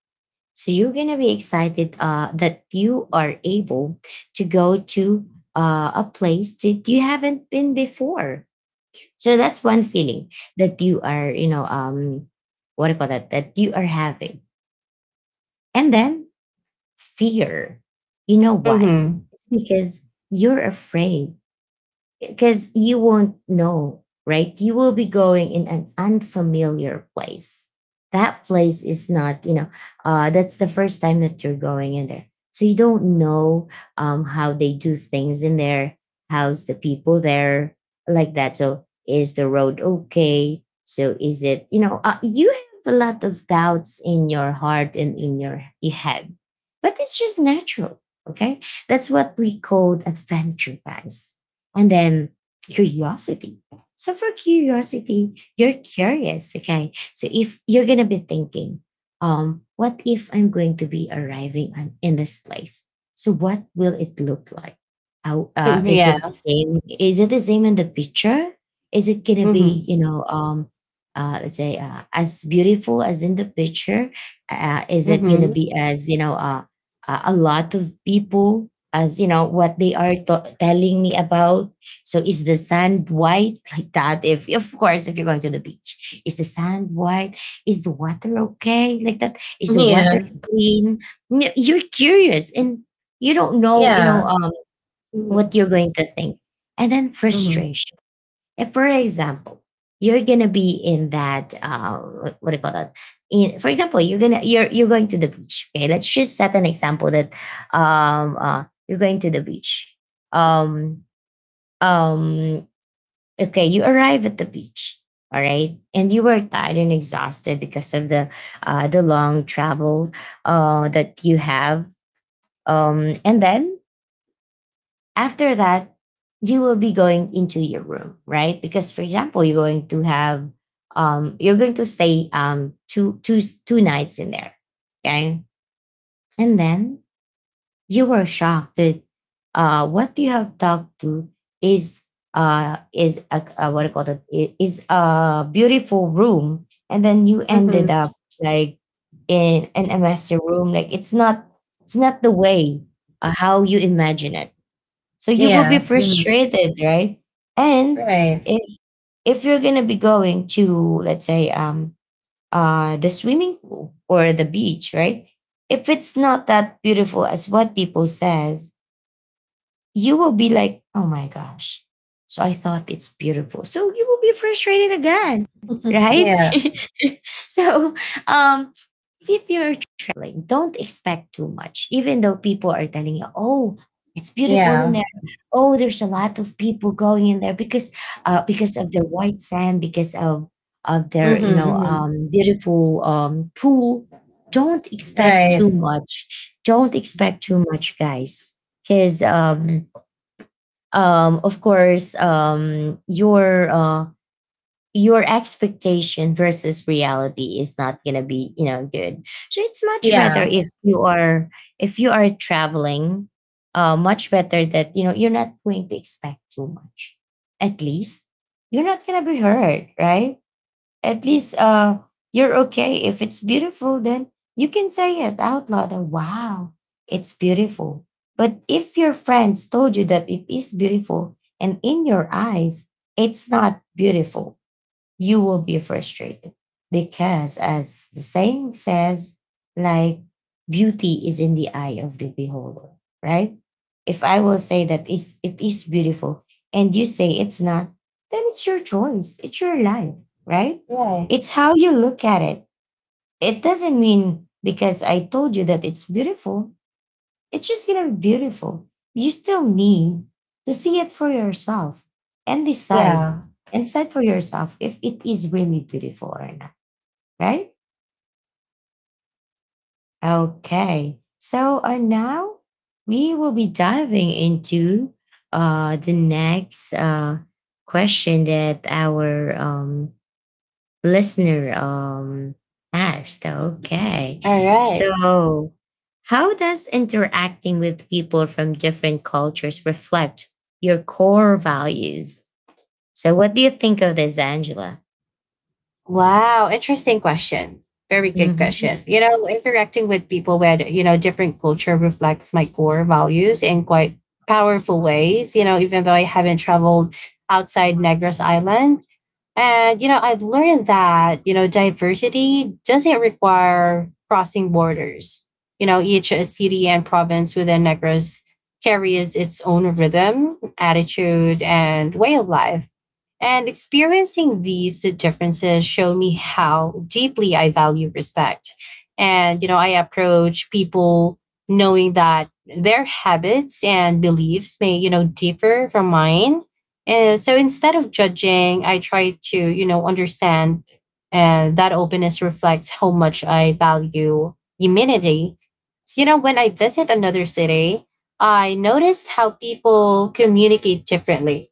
S1: so you're gonna be excited that you are able to go to a place that you haven't been before so that's one feeling that you are you know what do you call that that you are having and then fear. You know why?
S2: Mhm.
S1: It's because you're afraid because you won't know, right? You will be going in an unfamiliar place. That place is not, you know, that's the first time that you're going in there. So you don't know how they do things in there. How's the people there like that? So is the road okay? So is it, you know, you have a lot of doubts in your heart and in your head, but it's just natural. Okay. That's what we call adventure, guys and then curiosity. So for curiosity, you're curious, okay? So if you're gonna be thinking, what if I'm going to be arriving on, in this place? So what will it look like? How,
S2: Mm, *laughs*
S1: is
S2: yeah.
S1: it the same? Is it the same in the picture? Is it gonna be,
S2: Mhm.
S1: let's say as beautiful as in the picture? Is it gonna
S2: Mhm.
S1: be as a lot of people as you know what they are telling me about. So is the sand white *laughs* like that, if of course if you're going to the beach, is the sand white, is the water okay like that, is the water
S2: Yeah.
S1: clean? You're curious and you don't know,
S2: Yeah.
S1: what
S2: Mhm.
S1: you're going to think. And then
S2: Mhm.
S1: frustration, if, for example, you're gonna be in that what do you call that? In, for example, you're going to the beach. Okay, let's just set an example that you're going to the beach. Um um okay, you arrive at the beach. All right, and you were tired and exhausted because of the long travel that you have. And then after that you will be going into your room, right? Because for example, you're going to have you're going to stay um two nights in there, okay? And then you were shocked that what you have talked to is is a what do you call that, is a beautiful room, and then you ended
S2: Mhm.
S1: up like in an master room, like it's not, it's not the way how you imagine it. So you will be
S2: Yeah. Mhm.
S1: frustrated, right? And
S2: Right.
S1: if if you're gonna be going to, let's say the swimming pool or the beach, right? If it's not that beautiful as what people says, you will be like, oh my gosh. So I thought it's beautiful. So you will be frustrated again,
S2: *laughs*
S1: right?
S2: Yeah.
S1: *laughs* So um, if you're traveling, don't expect too much, even though people are telling you, oh, it's beautiful in
S2: Yeah.
S1: there. Oh, there's a lot of people going in there because of the white sand, because of their
S2: Mhm. Mhm.
S1: beautiful pool. Don't expect too
S2: Right.
S1: much. Don't expect too much, guys, because of course your expectation versus reality is not gonna be, you know, good. So it's much better
S2: Yeah.
S1: if you are, if you are traveling, much better that you know you're not going to expect too much. At least you're not gonna be hurt, right? At least you're okay. If it's beautiful, then you can say it out loud, that, wow, it's beautiful. But if your friends told you that it is beautiful and in your eyes it's not beautiful, you will be frustrated, because as the saying says, like, beauty is in the eye of the beholder, right? If I will say that it is beautiful and you say it's not, then it's your choice, it's your life, right?
S2: Right.
S1: It's how you look at it. It doesn't mean because I told you that it's beautiful, it's just gonna be beautiful. You still need to see it for yourself and decide,
S2: Yeah.
S1: and decide for yourself if it is really beautiful or not, right? Okay. So now we will be diving into the next question that our listener asked. Okay.
S2: All right.
S1: So how does interacting with people from different cultures reflect your core values? So what do you think of this, Angela?
S2: Wow, interesting question. Very good
S1: Hmm.
S2: question. You know, interacting with people with, you know, different culture reflects my core values in quite powerful ways, you know, even though I haven't traveled outside Negros Island. And, you know, I've learned that, you know, diversity doesn't require crossing borders. You know, each city and province within Negros carries its own rhythm, attitude, and way of life, and experiencing these differences show me how deeply I value respect. And, you know, I approach people knowing that their habits and beliefs may, you know, differ from mine. And so instead of judging, I try to, you know, understand. And that openness reflects how much I value humanity. So, you know, when I visit another city, I noticed how people communicate differently,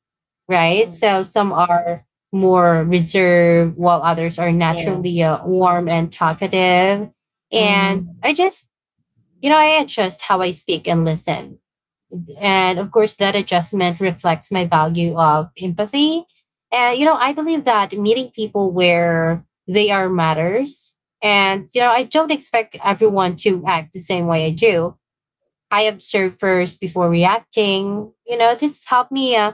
S2: right? So some are more reserved, while others are
S1: Yeah.
S2: naturally warm and talkative. And
S1: Hmm.
S2: I just, you know, I adjust how I speak and listen. And of course, that adjustment reflects my value of empathy. And, you know, I believe that meeting people where they are matters. And, you know, I don't expect everyone to act the same way I do. I observe first before reacting. You know, this helped me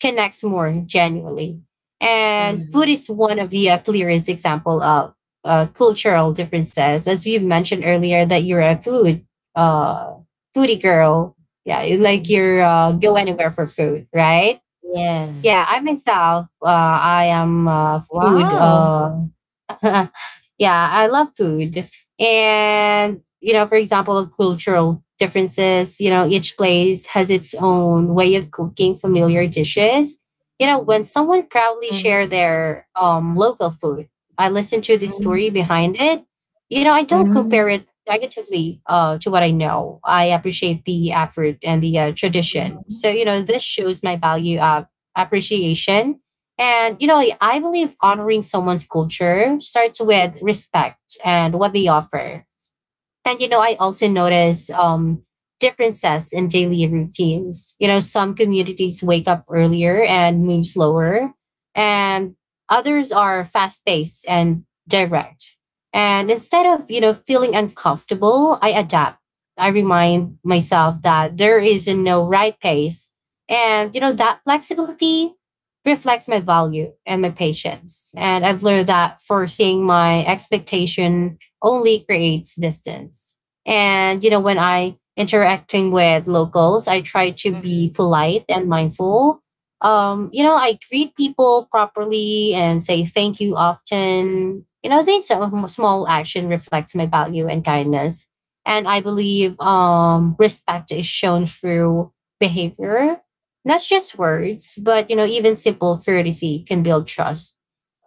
S2: connect more genuinely. And food
S1: Hmm.
S2: is one of the clearest example of cultural differences, as you've mentioned earlier that you're a food uh, foodie girl. Yeah, you like you're go anywhere for food, right? Yeah,
S1: Yes.
S2: I myself, I am a food
S1: Wow.
S2: *laughs* yeah, I love food. And, you know, for example, cultural differences, you know, each place has its own way of cooking familiar dishes. You know, when someone proudly share
S1: Mhm.
S2: their local food, I listen to the
S1: Mhm.
S2: story behind it. You know, I don't compare it negatively to what I know. I appreciate the effort and the tradition. So,
S1: Mhm.
S2: you know, this shows my value of appreciation. And you know,
S1: Mhm.
S2: I believe honoring someone's culture starts with respect and what they offer. And you know, I also notice differences in daily routines. You know, some communities wake up earlier and move slower, and others are fast paced and direct. And instead of, you know, feeling uncomfortable, I adapt. I remind myself that there is no right pace. And, you know, that flexibility reflects my value and my patience. And I've learned that forcing my expectation only creates distance. And, you know, when I interacting with locals, I try to be
S1: Mhm.
S2: polite and mindful. You know, I greet people properly and say thank you often. You know, these small action reflects my value and kindness. And I believe respect is shown through behavior, not just words, but, you know, even simple courtesy can build trust.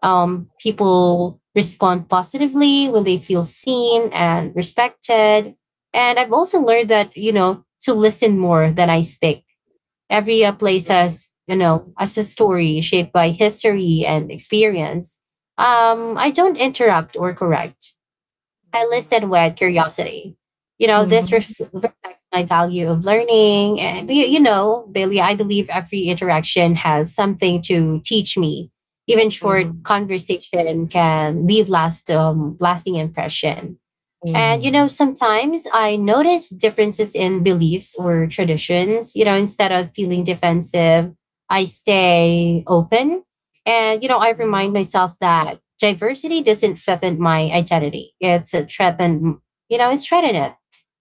S2: Um, people respond positively when they feel seen and respected. And I've also learned that, you know, to listen more than I speak. Every place
S1: Mhm.
S2: has, you know, has a story shaped by history and experience. I don't interrupt or correct. I
S1: Mhm.
S2: listed with curiosity. You know,
S1: Mhm.
S2: this
S1: Mhm.
S2: reflects my value of learning. And, you know, Bailey, I believe every interaction has something to teach me. Even short
S1: Mhm.
S2: conversation can leave lasting impression. And you know,
S1: Mhm.
S2: sometimes I notice differences in beliefs or traditions. You know, instead of feeling defensive, I stay open. And you know, I remind
S1: Mhm,
S2: myself that diversity doesn't threaten my identity. It's a threaten, you know, it's threaten it.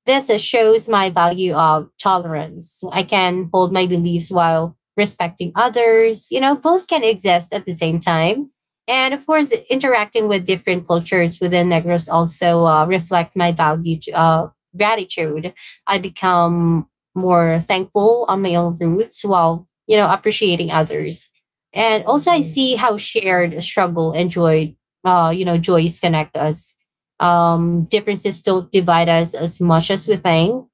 S2: This shows my value of tolerance. I can hold my beliefs while respecting others. You know, both can exist at the same time. And of course, interacting with different cultures within Negros also reflect my value to, gratitude. I become more thankful on my own roots while, you know, appreciating others. And also I
S1: mhm,
S2: see how shared struggle and joy, you know, joys connect us. Um, differences don't divide us as much as we think.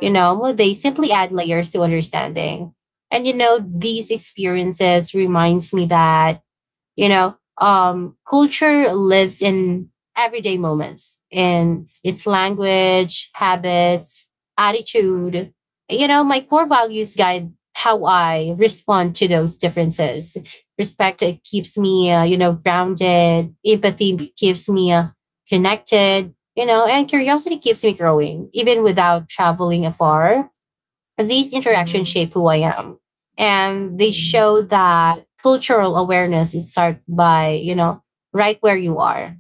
S2: You know, well, they simply add layers to understanding. And you know, these experiences reminds me that, you know, culture lives in everyday moments, in its language, habits, attitude. You know, my core values guide how I respond to those differences. Respect, it keeps me you know, grounded. Empathy keeps me connected, you know, and curiosity keeps me growing. Even without traveling afar, these interactions
S1: Mhm,
S2: shape who I am. And they
S1: mhm.
S2: show that cultural awareness is start by, you know, right where you are.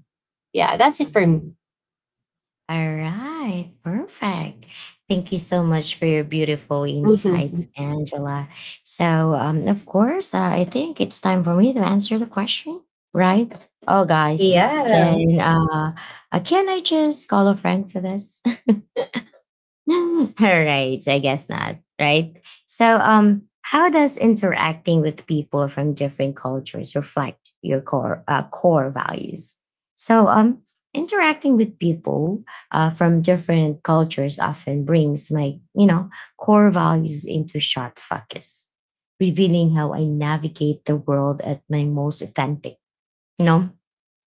S2: Yeah, that's it for
S1: Mhm.
S2: me.
S1: All right, perfect. Thank you so much for your beautiful insights,
S2: *laughs*
S1: Angela. So, of course, I think it's time for me to answer the question, right? Oh, guys,
S2: Yeah.
S1: can uh, can I just call a friend for this? *laughs* *laughs* Right. I guess not, right? So, how does interacting with people from different cultures reflect your core core values? So, interacting with people from different cultures often brings my, you know, core values into sharp focus, revealing how I navigate the world at my most authentic. You know,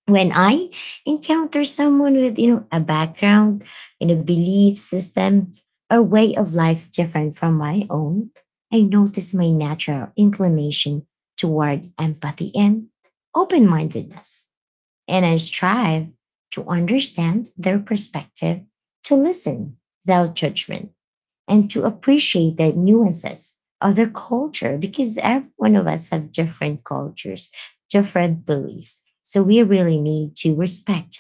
S1: when I encounter someone with, you know, a background, you know, belief system, or way of life different from my own, I notice my natural inclination toward empathy and open mindedness. And I strive to understand their perspective, to listen without judgment, and to appreciate the nuances of their culture, because every one of us have different cultures, different beliefs. So we really need to respect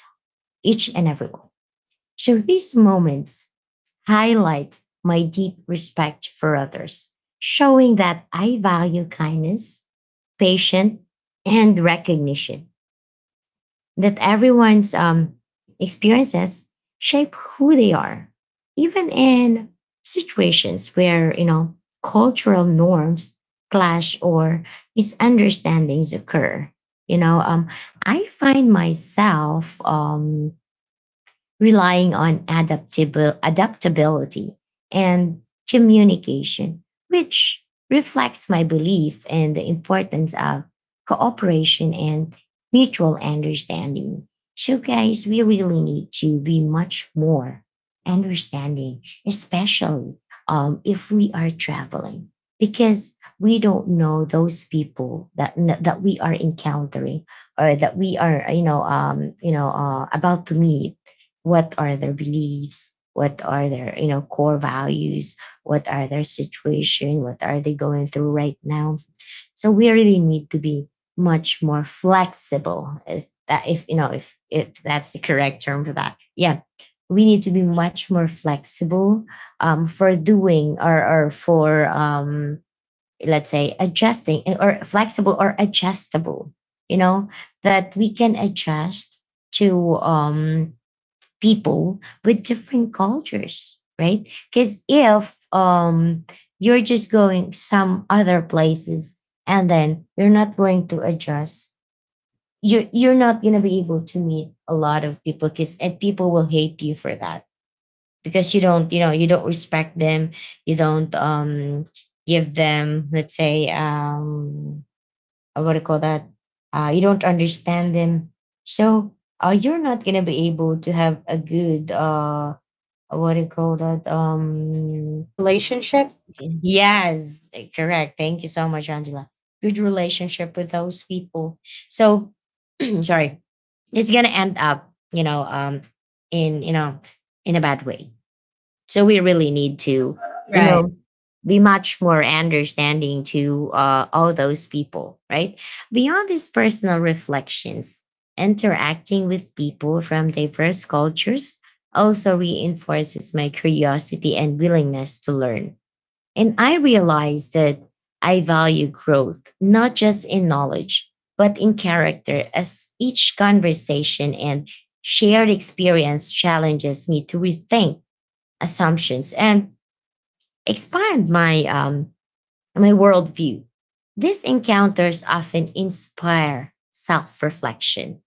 S1: each and everyone. So these moments highlight my deep respect for others, showing that I value kindness, patience, and recognition that everyone's experiences shape who they are, even in situations where, you know, cultural norms clash or misunderstandings occur. You know, I find myself relying on adaptability and communication, which reflects my belief in the importance of cooperation and mutual understanding. So, guys, we really need to be much more understanding, especially if we are traveling, because we don't know those people that we are encountering, or that we are, you know, about to meet. What are their beliefs, what are their, you know, core values, what are their situation, what are they going through right now? So we really need to be much more flexible, if that, if you know, if that's the correct term for that, yeah. We need to be much more flexible for doing, or for let's say adjusting, eh, or flexible or adjustable, you know, that we can adjust to people with different cultures, right? Because if you're just going some other places and then you're not going to adjust, you're not going to be able to meet a lot of people, because and people will hate you for that, because you don't, you know, you don't respect them, you don't give them, let's say, what do you call that, you don't understand them. So you're not going to be able to have a good what do you call that?
S2: Relationship.
S1: Yes, eh, correct. Thank you so much, Angela. Good relationship with those people. So, *clears throat* sorry, it's gonna end up, you know, in, you know, in a bad way. So we really need to, you
S2: Right.
S1: know, be much more understanding to all those people, right? Beyond these personal reflections, interacting with people from diverse cultures also reinforces my curiosity and willingness to learn. And I realize that I value growth, not just in knowledge, but in character, as each conversation and shared experience challenges me to rethink assumptions and expand my my worldview. These encounters often inspire self-reflection,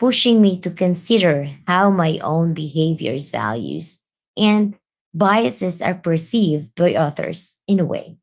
S1: pushing me to consider how my own behaviors, values, and biases are perceived by others in a way.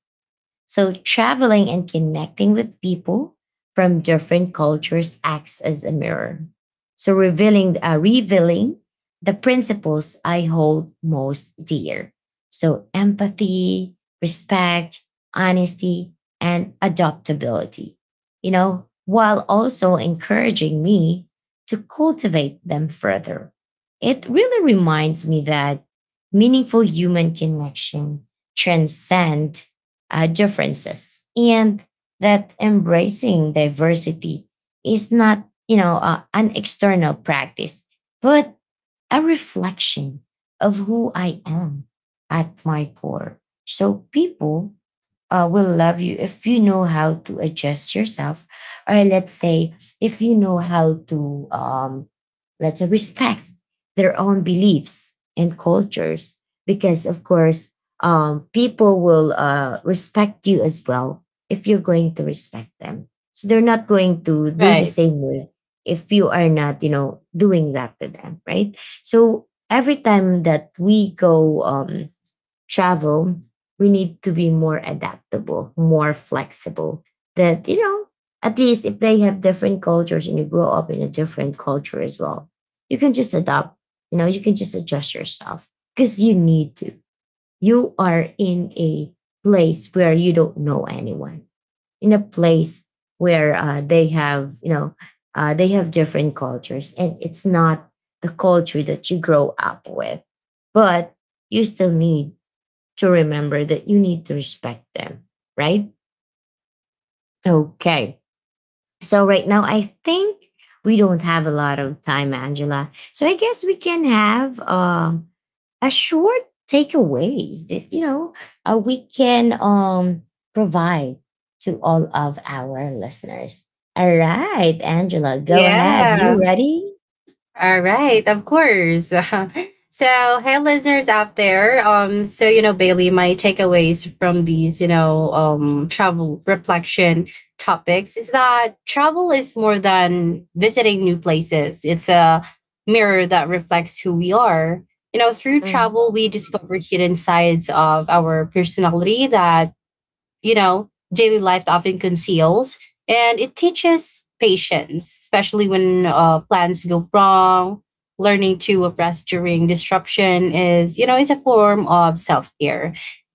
S1: So, traveling and connecting with people from different cultures acts as a mirror. So, revealing the principles I hold most dear. So, empathy, respect, honesty, and adaptability, you know, while also encouraging me to cultivate them further. It really reminds me that meaningful human connection transcend differences, and that embracing diversity is not, you know, an external practice, but a reflection of who I am at my core. So people will love you if you know how to adjust yourself, or let's say, if you know how to let's say respect their own beliefs and cultures, because of course people will respect you as well if you're going to respect them. So they're not going to do the
S2: Right.
S1: same way if you are not, you know, doing that to them, right? So every time that we go travel, we need to be more adaptable, more flexible. That, you know, at least if they have different cultures and you grow up in a different culture as well, you can just adopt, you know, you can just adjust yourself because you need to. You are in a place where you don't know anyone, in a place where they have, you know, they have different cultures and it's not the culture that you grow up with, but you still need to remember that you need to respect them, right? Okay. So, right now, I think we don't have a lot of time, Angela. So, I guess we can have a short takeaways that, you know, we can provide to all of our listeners. All right, Angela, go ahead. You
S2: Yeah.
S1: ready?
S2: All right, of course. *laughs* So, hey, listeners out there. So you know, Bailey, my takeaways from these, you know, travel reflection topics is that travel is more than visiting new places. It's a mirror that reflects who we are. You know, through
S1: Mhm.
S2: travel, we discover hidden sides of our personality that, you know, daily life often conceals. And it teaches patience, especially when plans go wrong. Learning to rest during disruption is, you know, is a form of self care.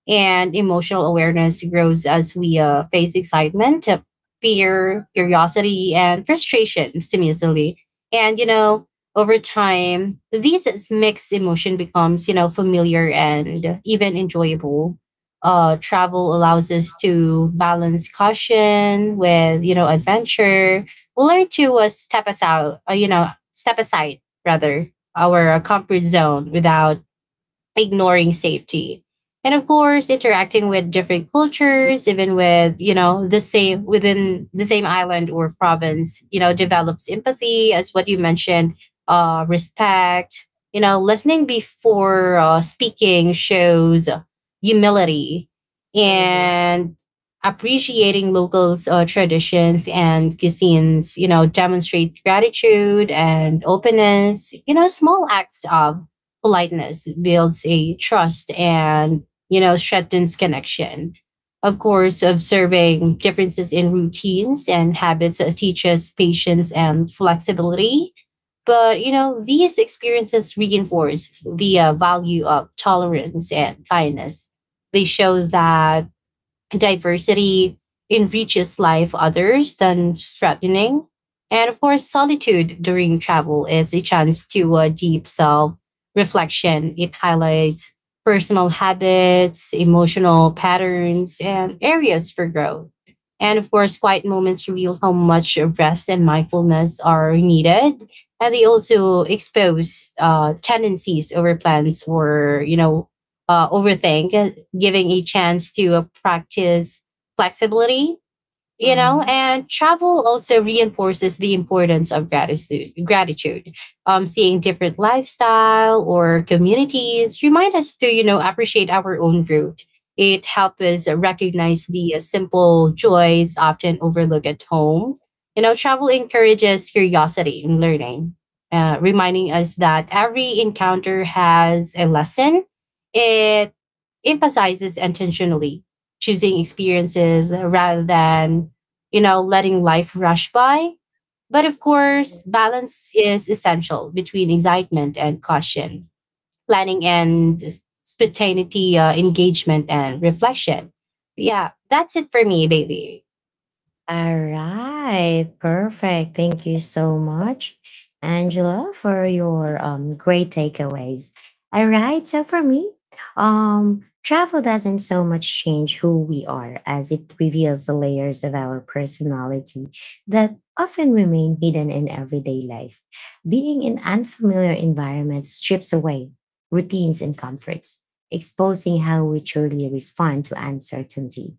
S2: And emotional awareness grows as we face excitement, fear, curiosity, and frustration simultaneously. And, you know, over time, these mixed emotion becomes, you know, familiar and even enjoyable. Uh, travel allows us to balance caution with, you know, adventure. We'll learn to step us out, you know, step aside rather our comfort zone without ignoring safety. And of course, interacting with different cultures, even with, you know, the same within the same island or province, you know, develops empathy as what you mentioned, respect, you know, listening before speaking shows humility
S1: Mhm.
S2: and appreciating locals' traditions and cuisines, you know, demonstrate gratitude and openness. You know, small acts of politeness builds a trust and, you know, strengthens connection. Of course, observing differences in routines and habits teaches patience and flexibility. But, you know, these experiences reinforce the value of tolerance and kindness. They show that diversity enriches life others than threatening. And of course, solitude during travel is a chance to deep self reflection. It highlights personal habits, emotional patterns, and areas for growth. And of course, quiet moments reveal how much rest and mindfulness are needed. And they also expose tendencies over plans or, you know, overthink, giving a chance to practice flexibility. You know,
S1: Mhm.
S2: and travel also reinforces the importance of gratitude. Gratitude, seeing different lifestyle or communities remind us to, you know, appreciate our own root. It helps us recognize the simple joys often overlooked at home. You know, travel encourages curiosity and learning, reminding us that every encounter has a lesson, emphasizes intentionally choosing experiences rather than, you know, letting life rush by. But of
S1: Mhm.
S2: course, balance is essential between excitement and caution, planning and spontaneity, engagement and reflection. Yeah, that's it for me, baby.
S1: All right, perfect. Thank you so much, Angela, for your great takeaways. All right, so for me, travel doesn't so much change who we are as it reveals the layers of our personality that often remain hidden in everyday life. Being in unfamiliar environments strips away routines and comforts, exposing how we truly respond to uncertainty,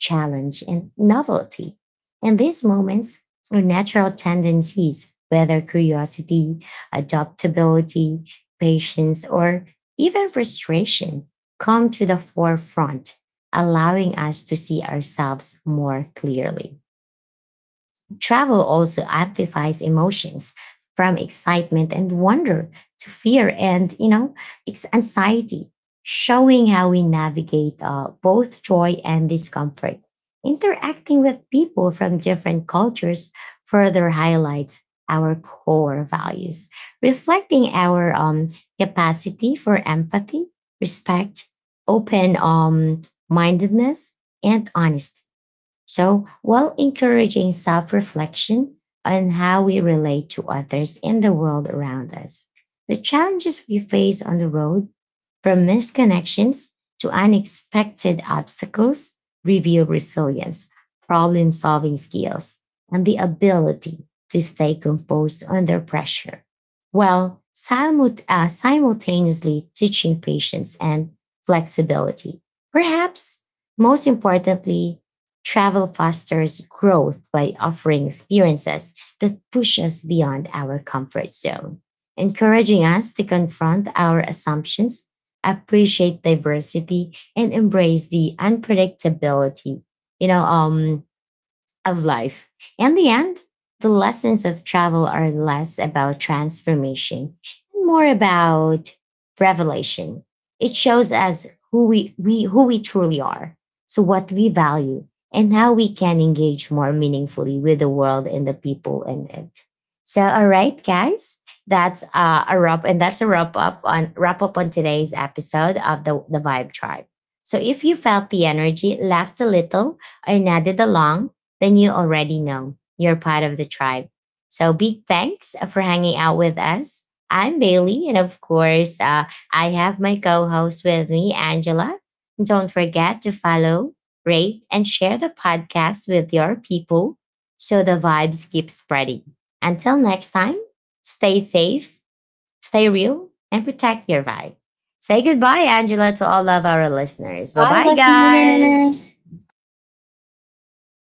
S1: challenge, and novelty, and these moments are natural tendencies, whether curiosity, adaptability, patience, or even frustration, come to the forefront, allowing us to see ourselves more clearly. Travel also amplifies emotions from excitement and wonder to fear and, you know, anxiety, showing how we navigate both joy and discomfort. Interacting with people from different cultures further highlights our core values, reflecting our capacity for empathy, respect, open mindedness, and honesty. So, while encouraging self reflection on how we relate to others and the world around us, the challenges we face on the road, from misconnections to unexpected obstacles, reveal resilience, problem solving skills, and the ability to stay composed under pressure, while simultaneously teaching patience and flexibility. Perhaps most importantly, travel fosters growth by offering experiences that push us beyond our comfort zone, encouraging us to confront our assumptions, appreciate diversity, and embrace the unpredictability. You know, um, of life. In the end, the lessons of travel are less about transformation and more about revelation. It shows us we who we truly are, so what we value, and how we can engage more meaningfully with the world and the people in it. So, all right, guys, that's a wrap, and that's a wrap up on today's episode of the Vibe Tribe. So, if you felt the energy, laughed a little, or nodded along, then you already know you're part of the tribe. So big thanks for hanging out with us. I'm Bailey, and of course, I have my co host with me, Angela. Don't forget to follow, rate, and share the podcast with your people so the vibes keep spreading. Until next time, stay safe, stay real, and protect your vibe. Say goodbye, Angela, to all of our listeners. Bye
S2: Bye,
S1: bye, guys.
S2: listeners.